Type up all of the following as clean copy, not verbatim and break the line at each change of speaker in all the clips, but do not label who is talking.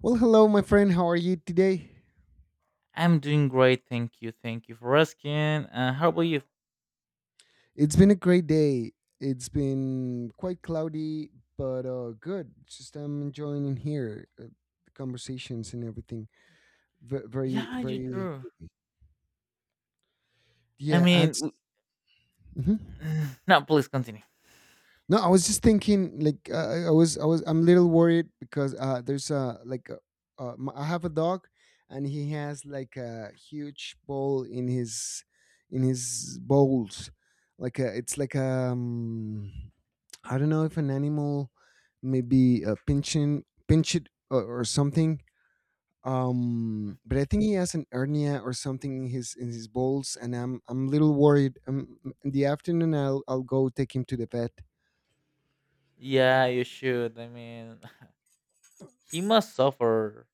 Well, hello, my friend. How are you today?
I'm doing great. Thank you. Thank you for asking. How about you?
It's been a great day. It's been quite cloudy, but good. Just I'm enjoying in here the conversations and everything. Ve- Very,
Yeah, you
very,
too. I
yeah.
mean,
It's, Mhm.
no, please continue.
No, I was just thinking. Like, I was, I'm a little worried because there's a like, a, I have a dog, and he has like a huge bowl in his bowls, like a, it's like. I don't know if an animal maybe pinch it, or something. But I think he has an hernia or something in his balls, and I'm a little worried. In the afternoon, I'll go take him to the vet.
Yeah, you should. I mean, he must suffer.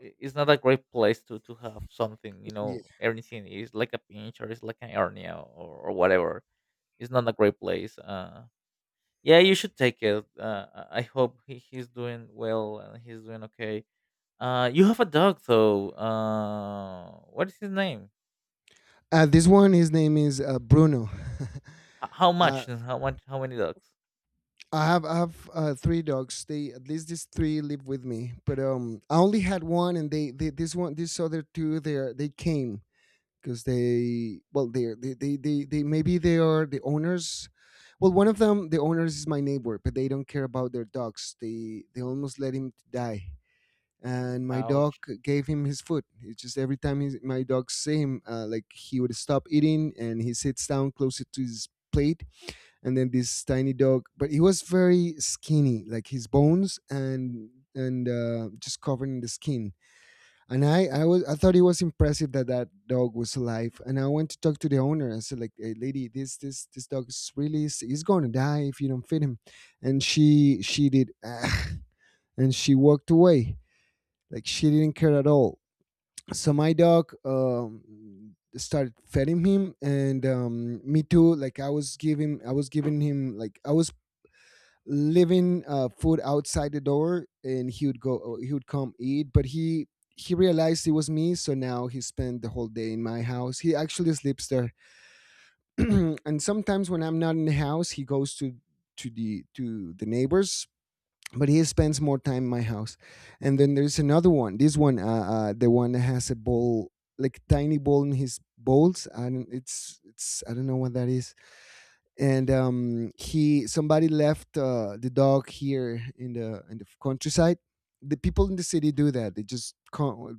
It's not a great place to have something,
Yeah.
everything is like a pinch or it's like an hernia or whatever. It's not a great place. Yeah, you should take it. I hope he's doing well and he's doing okay. You have a dog, though. What is his name?
This one, his name is Bruno.
How
uh,
much? How much? How many dogs?
I have three dogs. They at least these three live with me, but I only had one, and they this one this other two they came. Because they well they're they maybe they are the owners. Well, one of them, the owners is my neighbor, but they don't care about their dogs. They almost let him die, and my dog
Ouch.
gave him his food. It's just every time he, my dog see him, like he would stop eating and he sits down closer to his plate. And then this tiny dog, but he was very skinny, like his bones and just covered in the skin. And I I thought it was impressive that that dog was alive. And I went to talk to the owner. I said, like, hey, lady, this dog is really, he's going to die if you don't feed him. And she did, "Ah," and she walked away. Like she didn't care at all. So my dog, started feeding him, and me too. Like I was giving him, like I was living, food outside the door, and he would go. He would come eat, but he realized it was me, so now he spent the whole day in my house. He actually sleeps there, and sometimes when I'm not in the house, he goes to to the neighbors. But he spends more time in my house, and then there's another one. This one, the one that has a bowl, like tiny bowl in his bowls. I don't, it's I don't know what that is. And he somebody left, the dog here in the countryside. The people in the city do that. They just can't,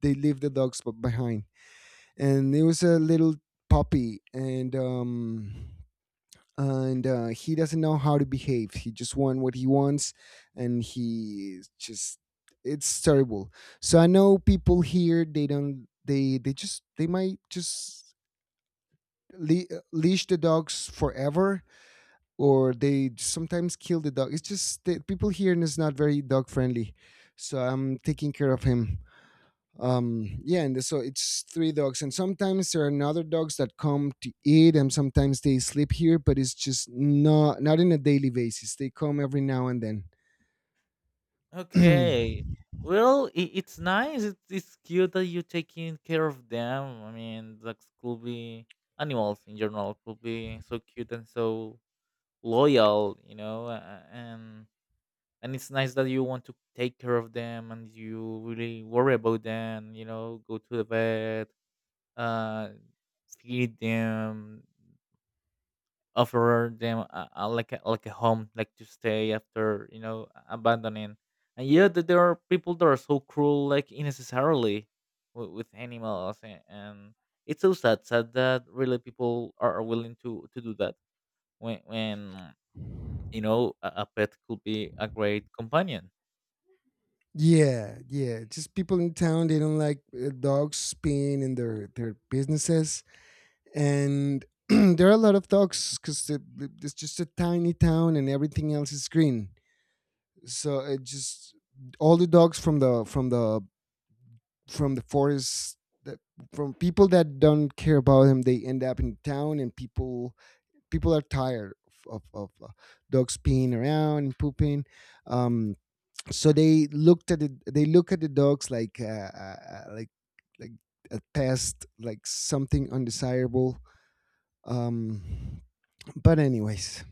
they leave the dogs behind, and it was a little puppy. And he doesn't know how to behave. He just wants what he wants, and he is just, it's terrible. So I know people here, they don't, they just they might just le- leash the dogs forever, or they sometimes kill the dog. It's just that people here, and it's not very dog friendly, so I'm taking care of him. Yeah, and so it's three dogs, and sometimes there are other dogs that come to eat, and sometimes they sleep here, but it's just not, not in a daily basis. They come every now and then.
Okay. Well, I it's nice. It's cute that you're taking care of them. I mean, dogs could be animals in general could be so cute and so loyal. And it's nice that you want to take care of them and you really worry about them. You know, go to the vet, uh, feed them. Offer them like a home like to stay after abandoning, and yeah, there are people that are so cruel, like unnecessarily with animals, and it's so sad that really people are willing to do that when when a pet could be a great companion.
Yeah, yeah. Just people in town, they don't like, dogs being in their businesses. And there are a lot of dogs, because it's just a tiny town and everything else is green. So it just, all the dogs from the from the forest, that from people that don't care about them, they end up in town. And people, people are tired of, of, of uh, dogs peeing around and pooping. um so they looked at it, they look at the dogs like, like a pest, like something undesirable. um But anyways,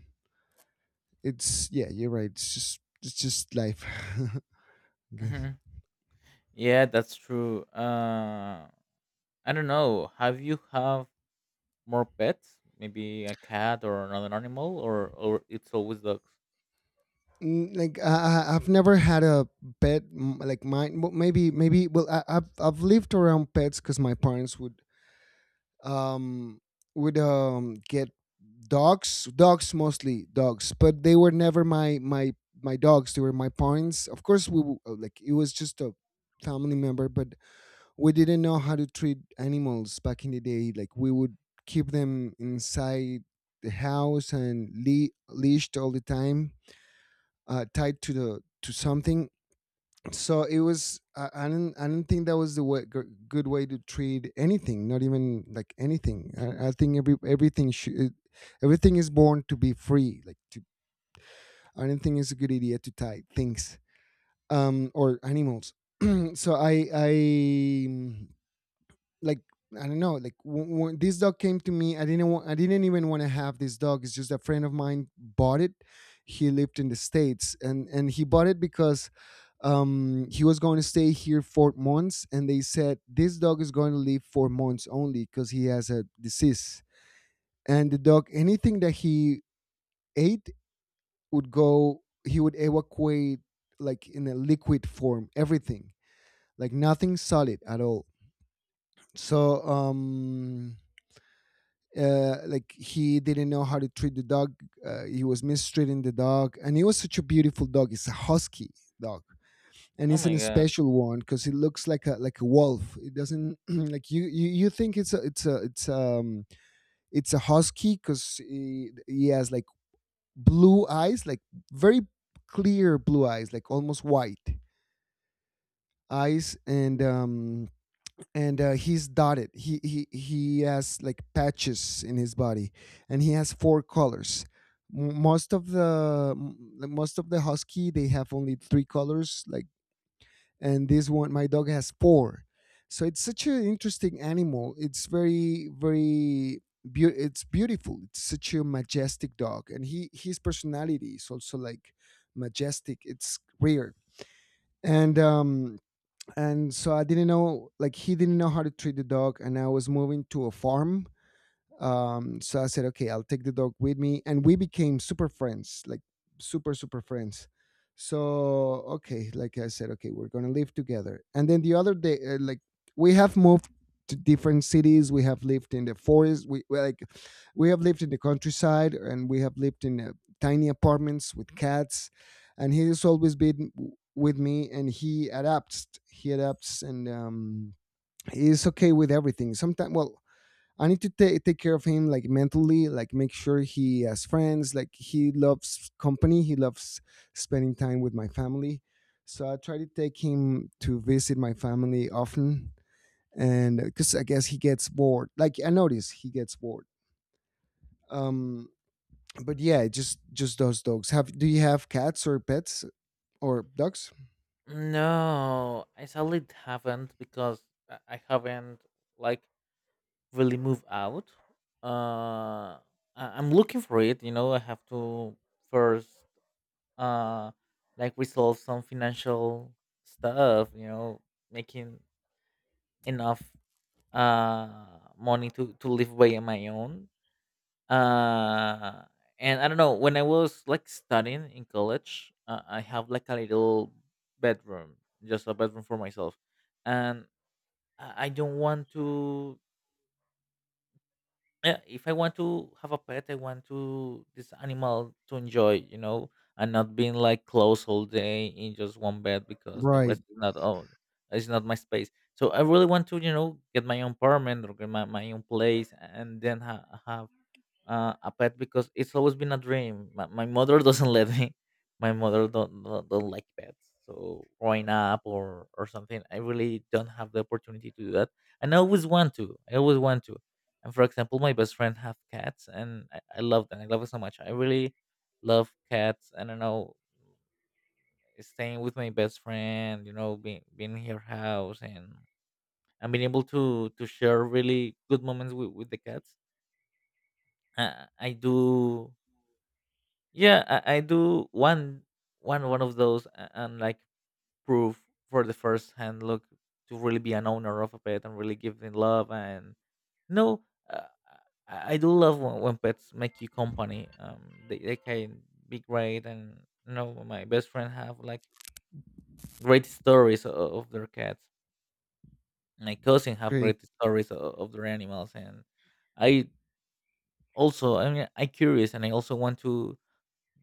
it's, yeah, you're right. It's just, it's just life.
Hmm, yeah, that's true. I don't know, have you have more pets, maybe a cat or another animal, or it's always dogs?
Like have never had a pet like mine. Well, maybe well, I've lived around pets because my parents would um get dogs, mostly dogs, but they were never my dogs. They were my parents. Of course, like it was just a family member, but we didn't know how to treat animals back in the day. Like we would keep them inside the house, and leashed all the time, tied to the to something. So it was. I didn't. I didn't think that was the way, good way to treat anything. Not even like anything. I think everything should. Everything is born to be free. Like to, I don't think it's a good idea to tie things, or animals. So I like, I don't know. Like when this dog came to me, I didn't want. I didn't even want to have this dog. It's just a friend of mine bought it. He lived in the states, and he bought it because he was going to stay here 4 months, and they said this dog is going to live 4 months only because he has a disease. And the dog, anything that he ate would go. He would evacuate, like in a liquid form. Everything, like nothing solid at all. So like he didn't know how to treat the dog. He was mistreating the dog, and he was such a beautiful dog. It's a husky dog, and
Oh
it's an
my god.
special one because it looks like a wolf. It doesn't like you think it's a it's a it's a husky because he has like blue eyes, like very clear blue eyes, like almost white eyes. And He's dotted. He has like patches in his body, and he has four colors. Most of the like, most of the husky, they have only three colors, like, and this one my dog has four. So it's such an interesting animal. It's very, very beau it's beautiful. It's such a majestic dog, and he, his personality is also like majestic. It's rare. And um and So I didn't know, like he didn't know how to treat the dog, and I was moving to a farm. So I said, okay, I'll take the dog with me, and we became super friends, like super, super friends. So okay, like I said, okay, we're gonna live together. And then the other day, like we have moved to different cities. We have lived in the forest. Like we have lived in the countryside, and we have lived in, tiny apartments with cats. And he has always been with me, and he adapts. He adapts, and he's okay with everything. Sometimes, well, I need to take care of him like mentally, like make sure he has friends, like he loves company, he loves spending time with my family. So I try to take him to visit my family often, and because I guess he gets bored. Like I notice he gets bored. Um but yeah, just those dogs. Have, do you have cats or pets or dogs?
No, I sadly haven't because I haven't, like, really moved out. Uh, I- I'm looking for it. You know, I have to first uh like resolve some financial stuff. You know, making enough money to live by on my own, uh and I don't know, when I was like studying in college, I have like a little bedroom, just a bedroom for myself, and I don't want to. Yeah, if I want to have a pet, I want to this animal to enjoy. And not being like close all day in just one bed because the
Right.
rest is not own, it's not my space. So I really want to, get my own apartment or get my own place and then have a pet, because it's always been a dream. My mother doesn't let me. My mother don't like pets. So growing up, or something, I really don't have the opportunity to do that. And I always want to. I always want to. And for example, my best friend have cats, and I love them. I love it so much. I really love cats. I don't know, staying with my best friend. You know, being in her house, and being able to share really good moments with the cats. I do Yeah, I do one, one of those, and like, proof for the first hand look to really be an owner of a pet and really give them love. And no, uh, I do love when, pets make you company. They can be great, and, my best friend have like great stories of their cats. My cousin have
Great.
great stories of their animals, and I also, I mean, I curious, and I also want to,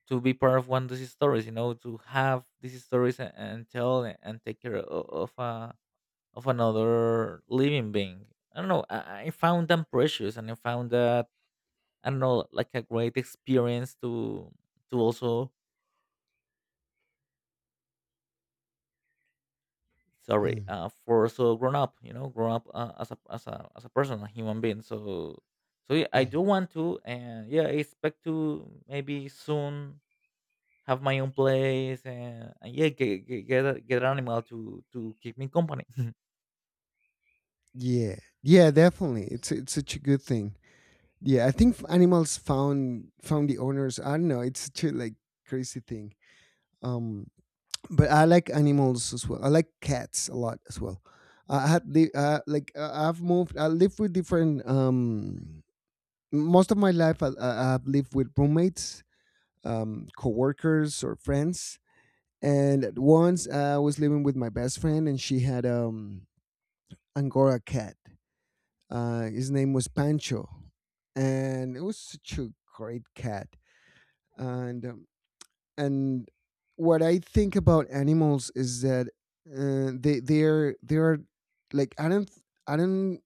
be part of one of these stories, to have these stories, and tell, and take care, of another living being. I don't know, I found them precious, and I found that, I don't know, like a great experience to, also, sorry,
Mm,
for also grown up, grown up, as a person, a human being. So, so yeah, I
yeah.
do want to, and yeah, I expect to maybe soon have my own place, and, yeah, get an animal to keep me company.
Yeah. Yeah, definitely. It's such a good thing. Yeah, I think animals found, the owners. I don't know. It's such a, like, crazy thing. Um, but I like animals as well. I like cats a lot as well. I had I've moved. I lived with different. Most of my life, I've lived with roommates, coworkers, or friends. And at once, I was living with my best friend, and she had Angora cat. His name was Pancho, and it was such a great cat and um, and what I think about animals is that they're like I don't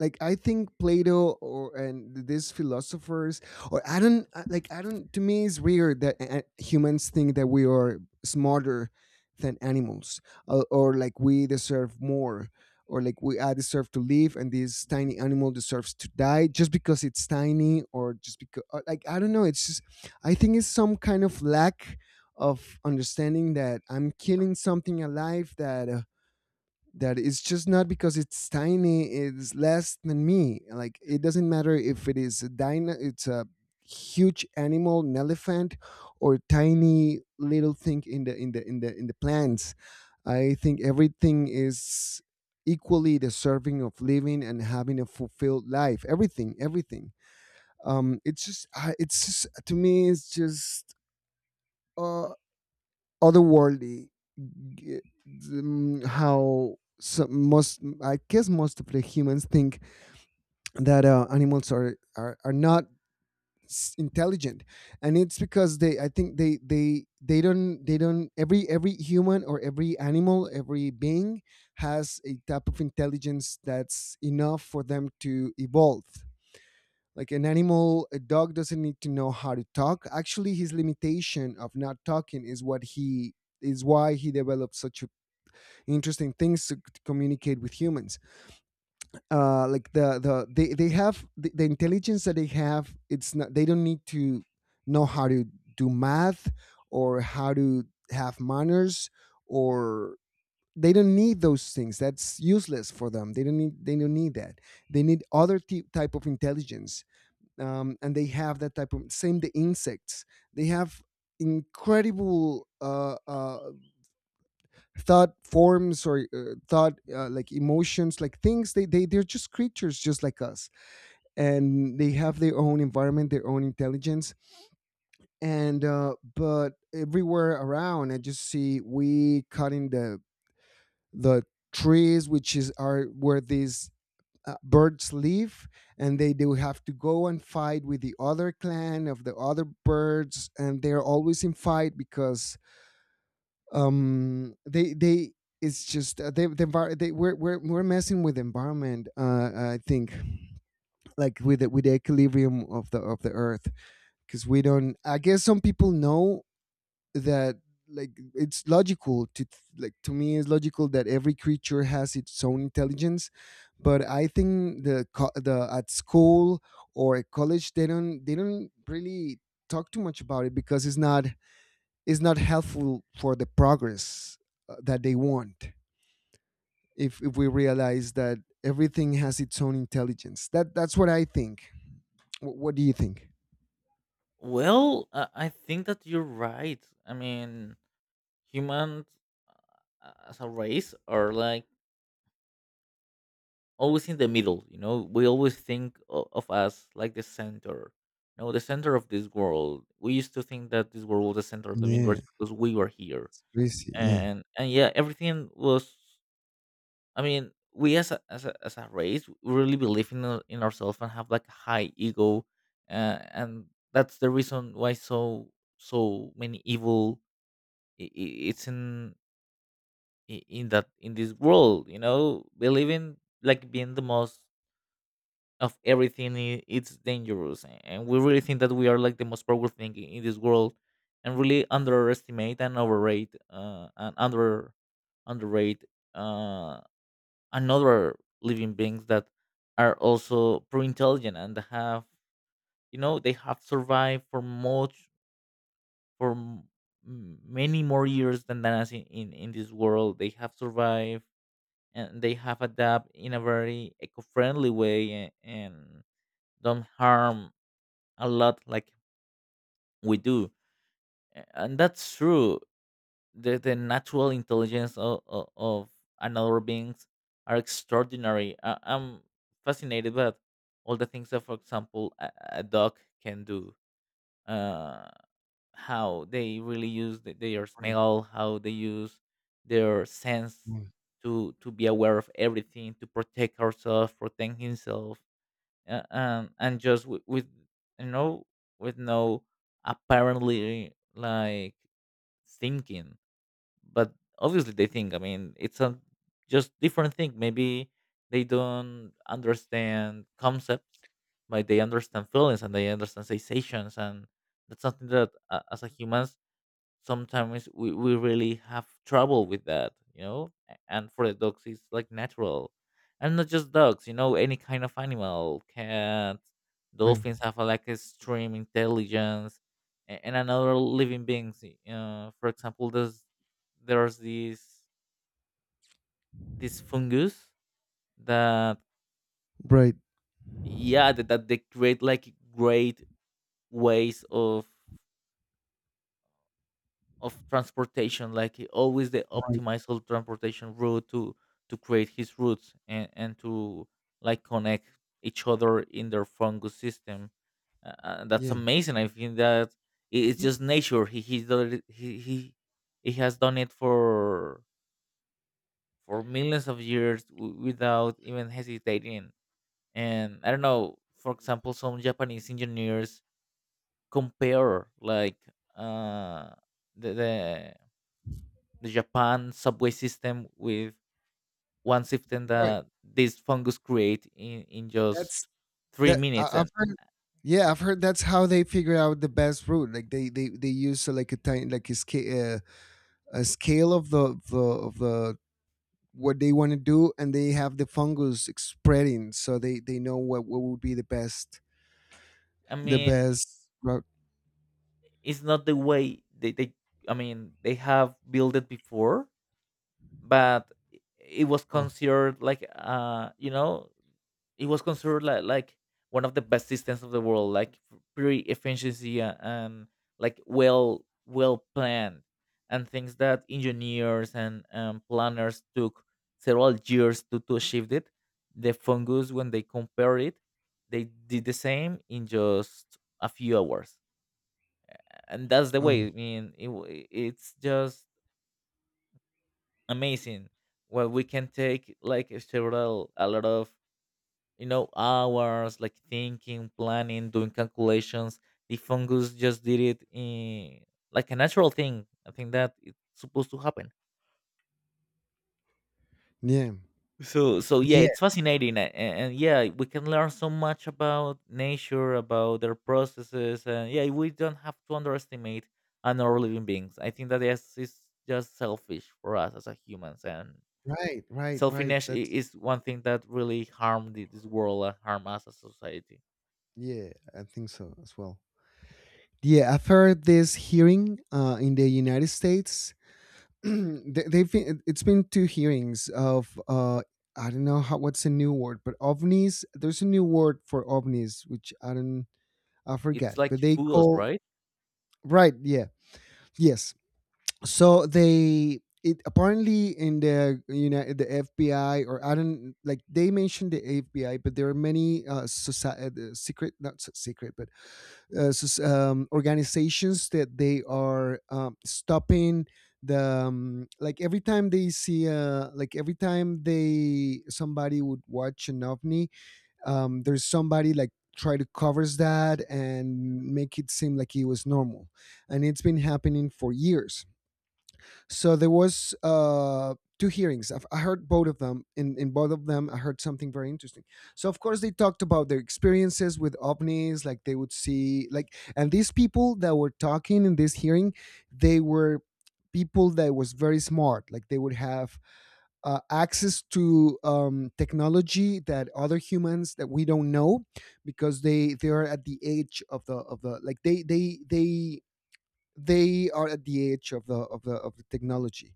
like I think Plato or and these philosophers or I don't I- like I don't to me it's weird that humans think that we are smarter than animals or like we deserve more or like we I deserve to live and this tiny animal deserves to die just because it's tiny, or just because, like, I don't know, it's just, I think it's some kind of lack of understanding that I'm killing something alive. That that it's just, not because it's tiny it's less than me. Like, it doesn't matter if it is a dino, it's a huge animal, an elephant, or tiny little thing in the plants. I think everything is equally deserving of living and having a fulfilled life. Everything, everything. It's just, to me it's just uh, otherworldly g- how most, I guess most of the humans, think that animals are, are not intelligent. And it's because they I think they don't every human or every animal, every being, has a type of intelligence that's enough for them to evolve. Like an animal, a dog, doesn't need to know how to talk. Actually, his limitation of not talking is what he is why he developed such a- interesting things to communicate with humans. Like they have the intelligence that they have. It's not, they don't need to know how to do math, or how to have manners, or they don't need those things. That's useless for them. They don't need that. They need other type of intelligence. And they have that type. Of same the insects. They have incredible thought forms, or thought, like emotions, like things. They're just creatures just like us, and they have their own environment, their own intelligence. And but everywhere around I just see we cutting the the trees which is are where these birds live. And they do have to go and fight with the other clan of the other birds, and they're always in fight because they it's just the envir- they we're, we're messing with the environment. I think, like with the equilibrium of the earth. Because we don't, I guess some people know that, like, it's logical to, like, to me it's logical that every creature has its own intelligence. But I think the, at school or at college, they don't, they don't really talk too much about it because it's not, it's not helpful for the progress that they want. If we realize that everything has its own intelligence, that that's what I think. What do you think?
Well, I think that you're right. I mean, humans, as a race, are like always in the middle. You know, we always think of us like the center. No, the center of this world. We used to think that this world was the center of the
Yeah,
universe because we were here,
it's crazy, yeah.
and yeah, everything was. I mean, we, as a race, we really believe in ourselves and have like a high ego, and that's the reason why so many evil, I- it's in I- in that in this world. You know, believing like being the most of everything, it's dangerous. And we really think that we are like the most powerful thing, in this world, and really underestimate and overrate, and underrate uh, and other living beings that are also pretty intelligent and have, they have survived for much for m- m- many more years than us in this world. They have survived, and they have adapted in a very eco-friendly way, and don't harm a lot like we do. And that's true, the natural intelligence of another beings are extraordinary. I'm fascinated by all the things that, for example, a dog can do. Uh, how they really use their
Right.
smell, how they use their sense
Right,
to be aware of everything, to protect herself, protect himself, and just with you know with no, apparently, like thinking, but obviously they think. I mean, it's a, just different thing, maybe. They don't understand concepts, but they understand feelings and they understand sensations. And that's something that, as a human, sometimes we really have trouble with that. And for the dogs it's like natural. And not just dogs, you know, any kind of animal, cats,
right.
dolphins have like extreme intelligence. And another living beings, for example, there's this fungus that,
Right.
yeah, that they create like great ways of transportation. Like he always the
Right.
optimized whole transportation route to create his routes, and to like connect each other in their fungus system. That's
Yeah.
amazing. I think that, it's
Mm.
just nature. He has done it for millions of years, without even hesitating. And I don't know, for example, some Japanese engineers compare like, uh the, the the Japan subway system with one system
Right.
that this fungus create in just
That's
three
that I,
minutes.
I've
And
heard. Yeah, I've heard that's how they figure out the best route. Like they use like a tiny, like a scale of the of the of the what they want to do, and they have the fungus spreading, so they know what would be
I
the
mean,
best route.
it's not the way they I mean, they have built it before, but it was
Oh,
considered like, it was considered like, one of the best systems of the world, like, pretty efficiency, and like well planned, and things that engineers and, planners took several years to achieve it. The fungus, when they compare it, they did the same in just a few hours, and that's the way.
um
I mean, it's just amazing. Well, we can take like several a lot of, hours, like thinking, planning, doing calculations. The fungus just did it in like a natural thing. I think that it's supposed to happen.
yeah.
So yeah,
Yeah,
it's fascinating, and yeah, we can learn so much about nature, about their processes, and yeah, we don't have to underestimate another living beings. I think that yes, it's just selfish for us as a humans, and
right, right, right.
selfishness i-
That's
is one thing that really harmed this world and harm us as a society.
yeah, I think so as well. Yeah, I've heard this hearing in the United States they've been, it's been two hearings of I don't know how what's a new word, but ovnis. There's a new word for ovnis, which I don't, I
It's
forget,
like
but they
fools,
call
right?
right. Yeah, yes. So they, it apparently in the, you know, the FBI, or I don't, like they mentioned the FBI, but there are many society secret, not so secret, but organizations that they are stopping the, like every time they see like every time they somebody would watch an ovni, there's somebody like try to covers that and make it seem like it was normal. And it's been happening for years. So there was two hearings. I've, I heard both of them. In both of them, I heard something very interesting. So of course they talked about their experiences with ovnis, like they would see, like, and these people that were talking in this hearing, they were people that was very smart. Like they would have access to technology that other humans that we don't know, because they are at the age of the of the, like they are at the age of the of the of the technology.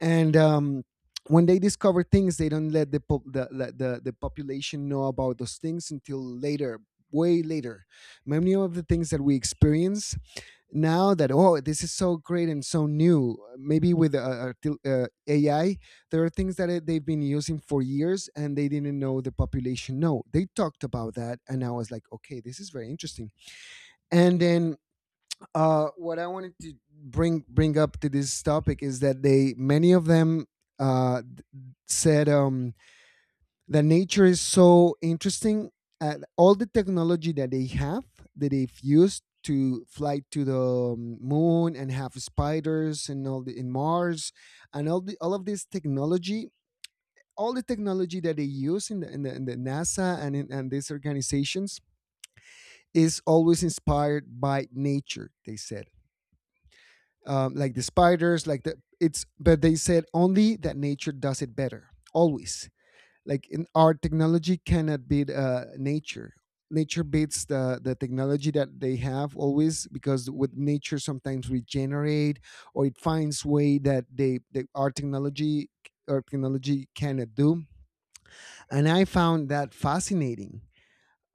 And when they discover things, they don't let the, the population know about those things until later, way later. Many of the things that we experience now that, oh, this is so great and so new. Maybe with AI, there are things that they've been using for years and they didn't know the population. No, they talked about that, and I was like, okay, this is very interesting. And then what I wanted to bring up to this topic is that they, many of them, uh, said that nature is so interesting at all the technology that they have, that they've used to fly to the moon and have spiders and all the in Mars, and all the all of this technology, all the technology that they use in the in the, in the NASA and in, and these organizations is always inspired by nature. They said, like the spiders, like the it's. But they said only that nature does it better, always. Like in our technology cannot beat nature. Nature beats the technology that they have always, because with nature sometimes regenerate, or it finds way that they our technology cannot do. And I found that fascinating.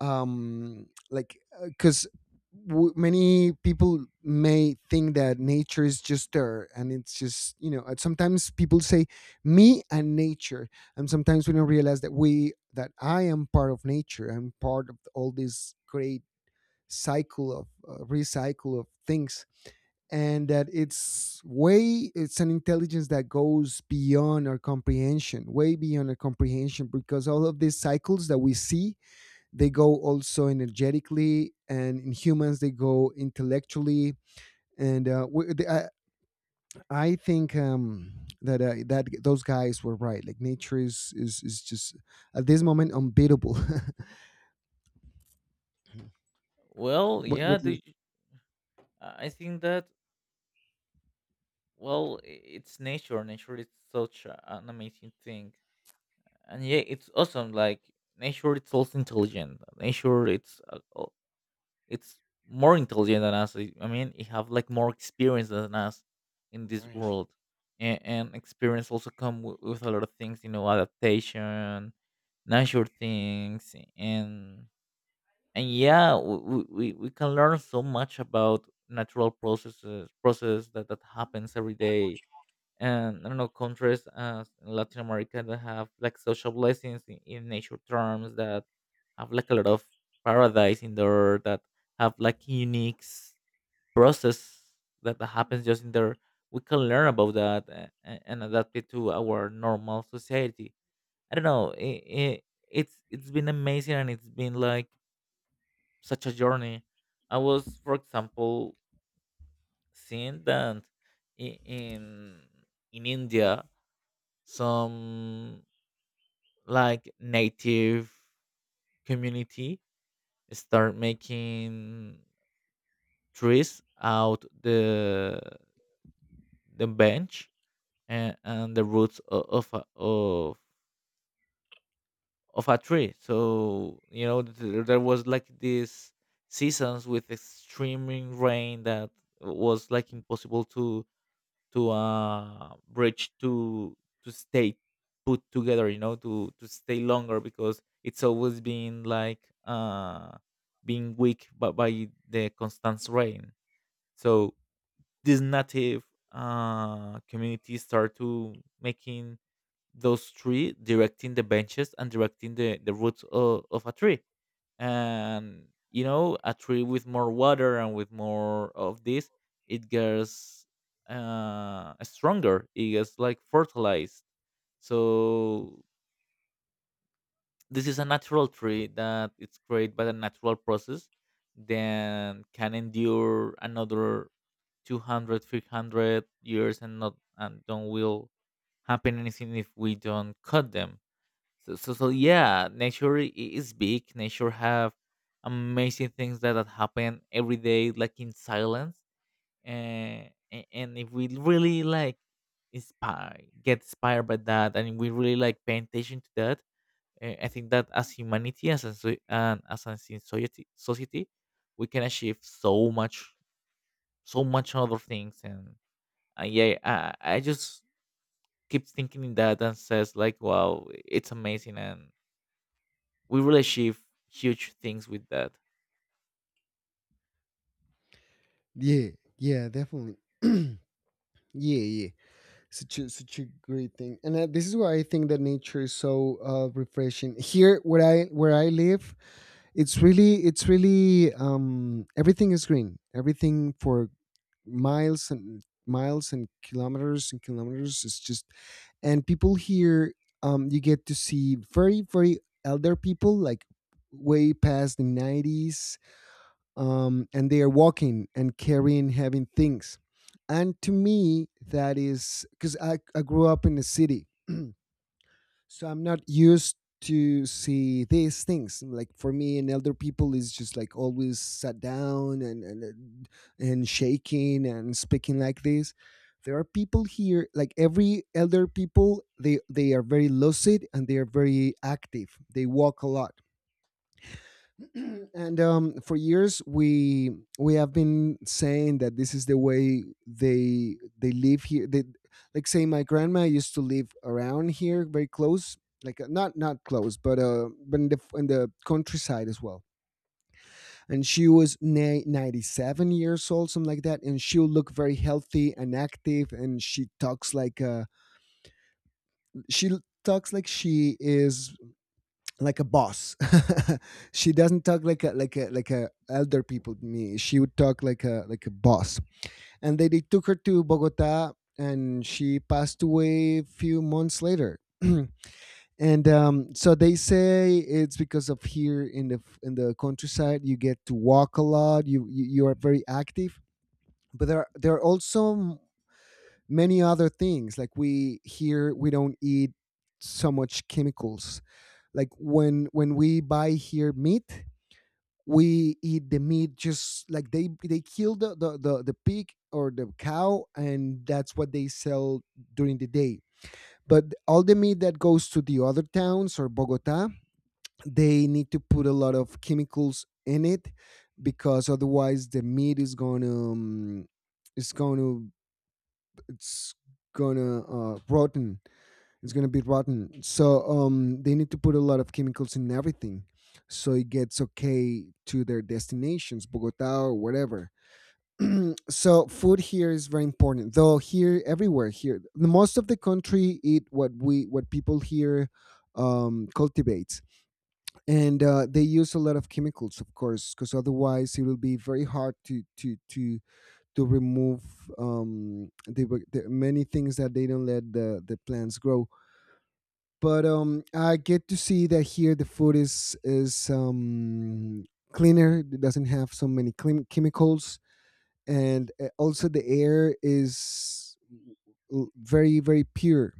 like, because many people may think that nature is just there, and it's just, you know, and sometimes people say me and nature. And sometimes we don't realize that we, that I am part of nature. I'm part of all this great cycle of recycle of things, and that it's way, it's an intelligence that goes beyond our comprehension, way beyond our comprehension, because all of these cycles that we see, they go also energetically, and in humans they go intellectually. and uh, we- the- I, I think that that those guys were right. Like nature is, is just at this moment unbeatable.
Well,
What
yeah,
do you-
I think that, well, it's nature. Nature is such an amazing thing, and yeah, it's awesome. Like nature, it's also intelligent. Nature, it's it's more intelligent than us. I mean, it have like more experience than us in this world, and experience also come with a lot of things. You know, adaptation, natural things, and yeah, we can learn so much about natural process that happens every day. And I don't know, countries as in Latin America that have like social blessings in nature terms, that have like a lot of paradise in there, that have like unique, process that happens just in there, we can learn about that, and adapt it to our normal society. I don't know, it's been amazing, and it's been like such a journey. I was, for example, seeing that, i- in in India, some like native community start making trees out the bench, and the roots of a tree. So there was like this seasons with extreme rain that was like impossible to a bridge to stay put together, to stay longer because it's always been like being weak but by the constant rain. So these native communities start to making those tree directing the benches and directing the roots of a tree. And you know, a tree with more water and with more of this, it gets stronger, it gets like fertilized. So this is a natural tree that it's created by the natural process, then can endure another 200, 300 years and not and don't will happen anything if we don't cut them. So yeah, nature is big. Nature have amazing things that happen every day, like in silence. And, and if we really like inspire, get inspired by that, and we really like pay attention to that, I think that as humanity, as a society, we can achieve so much, so much other things. And yeah, I just keep thinking in that and says like, wow, it's amazing and we will achieve huge things with that.
yeah, yeah, definitely. Yeah. Yeah. Such a, such a great thing. And This is why I think that nature is so refreshing here where I where I live. It's really, it's really everything is green, everything for miles and miles and kilometers and kilometers. It's just, and people here, you get to see very very elder people, like way past the 90s. And they are walking and carrying having things. And to me that is because I grew up in the city. So I'm not used to see these things. Like for me an elder people is just like always sat down, and shaking and speaking like this. There are people here, like every elder people, they are very lucid, and they are very active, they walk a lot. and for years we have been saying that this is the way they live here. They, like, say my grandma used to live around here, very close. Like not, not close, but in the countryside as well. And she was 97 years old, something like that. And she'll look very healthy and active. And she talks like she l- talks like she is like a boss. She doesn't talk like a like a elder people to me. She would talk like a boss. And they took her to Bogota, and she passed away a few months later. and so they say it's because of here in the, in the countryside you get to walk a lot, you are very active. But there are also many other things. Like we here we don't eat so much chemicals. Like when we buy here meat, we eat the meat just like they kill the pig or the cow, and that's what they sell during the day. But all the meat that goes to the other towns or Bogota, they need to put a lot of chemicals in it, because otherwise the meat is gonna it's gonna, it's gonna rotten, it's gonna be rotten. So they need to put a lot of chemicals in everything so it gets okay to their destinations, Bogota or whatever. So food here is very important. Though here, everywhere here, the most of the country eat what we, what people here cultivates. And they use a lot of chemicals, of course, because otherwise it will be very hard to to remove the many things that they don't let the plants grow. But I get to see that here the food is cleaner. It doesn't have so many chemicals. And also the air is very very pure.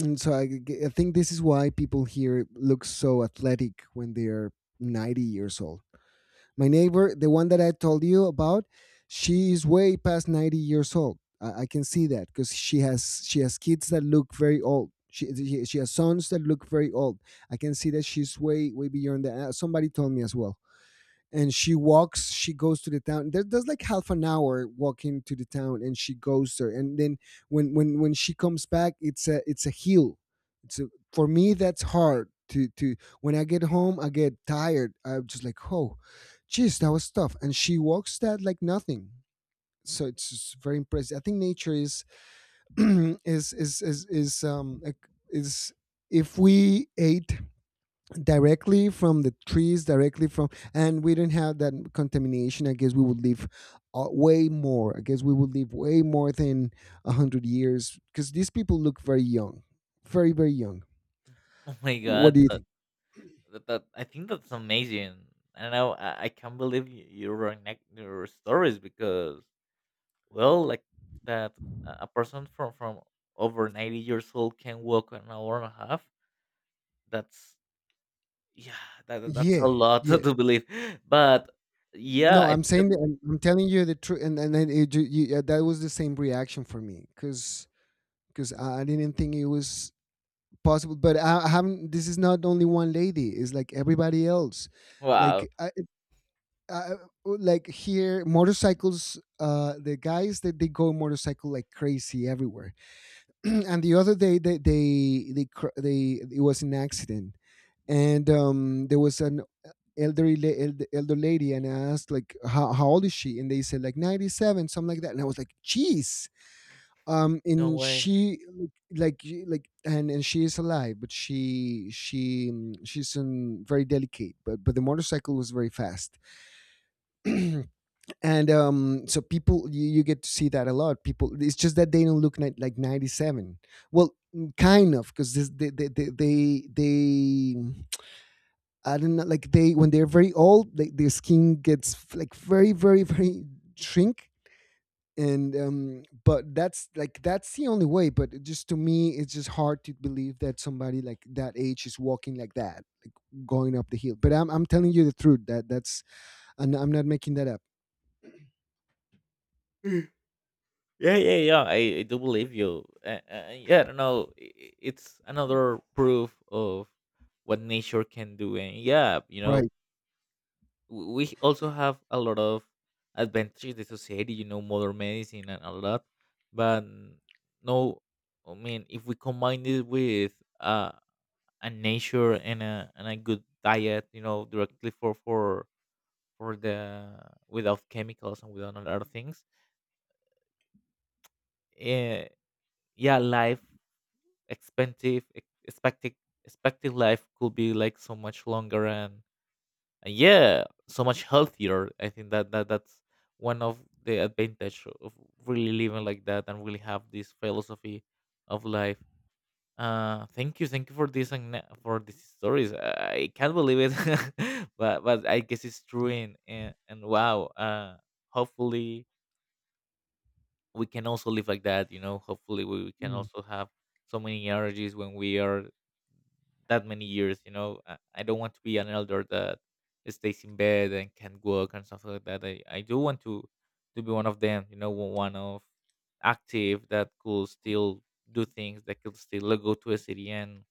And so I think this is why people here look so athletic when they are 90 years old. My neighbor, the one that I told you about, she is way past 90 years old. I can see that because she has kids that look very old. She has sons that look very old. I can see that she's way way beyond that. Somebody told me as well. And she walks, she goes to the town, there, there's like half an hour walking to the town, and she goes there. And then when she comes back, it's a, it's a hill, it's a, for me that's hard to, when I get home I get tired, I'm just like, oh geez, that was tough. And she walks that like nothing. So it's just very impressive. I think nature is is like, is, if we ate directly from the trees, directly from, and we didn't have that contamination, I guess we would live way more. I guess we would live way more than 100 years, because these people look very young, very very young.
Oh my
What
god,
do you think?
I think that's amazing. I don't know. I can't believe you, you reconnect your stories because, well, like that, a person from over 90 years old can walk an hour and a half. That's yeah, that's a
Yeah,
lot to
yeah.
believe. But yeah,
No,
I
I'm
think that
saying that, I'm telling you the truth. And then it, ju- you, That was the same reaction for me, because I didn't think it was possible. But I haven't, this is not only one lady, it's like everybody else.
wow,
Like I, uh, uh, like here motorcycles, the guys that they go motorcycle like crazy everywhere. And the other day they it was an accident. And There was an elder lady. And I asked like, how old is she? And they said like 97, something like that. And I was like, jeez.
no
And
way.
she, like like and she is alive, but she's very delicate. But the motorcycle was very fast. and so people, you get to see that a lot. People, it's just that they don't look like 97. Well, kind of, because they I don't know, like they when they're very old, like their skin gets like very very very shrink. And but that's like, that's the only way. But it just, to me it's just hard to believe that somebody like that age is walking like that, like going up the hill. But I'm telling you the truth that that's, and I'm not making that up.
Yeah, yeah, yeah. I do believe you. Yeah, I don't know. It's another proof of what nature can do. And yeah, you know,
Right.
we also have a lot of advantages in society, you know, modern medicine and a lot. But no, I mean, if we combine it with uh, a nature and a good diet, you know, directly for without chemicals and without a lot of things, eh, yeah, life expensive ex- expected expected life could be like so much longer, and yeah, so much healthier. I think that, that's one of the advantage of really living like that and really have this philosophy of life. Thank you, thank you for this, and for these stories. I can't believe it. But I guess it's true. And and wow. Hopefully we can also live like that, you know, hopefully we can
Mm.
also have so many energies when we are that many years, I don't want to be an elder that stays in bed and can't work and stuff like that. I do want to be one of them, you know, one of active that could still do things, that could still go to a city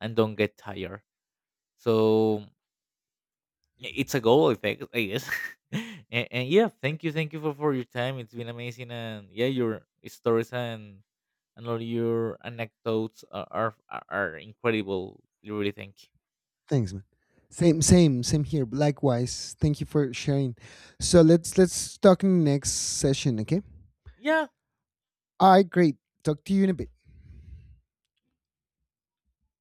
and don't get tired. So yeah, it's a goal, I think, I guess. And Yeah, thank you, thank you for your time. It's been amazing. And yeah, your stories and all your anecdotes are incredible. Really, thank you.
Thanks, man. Same, same, same here. Likewise. Thank you for sharing. So let's talk in the next session, okay?
Yeah.
All right, great. Talk to you in a bit.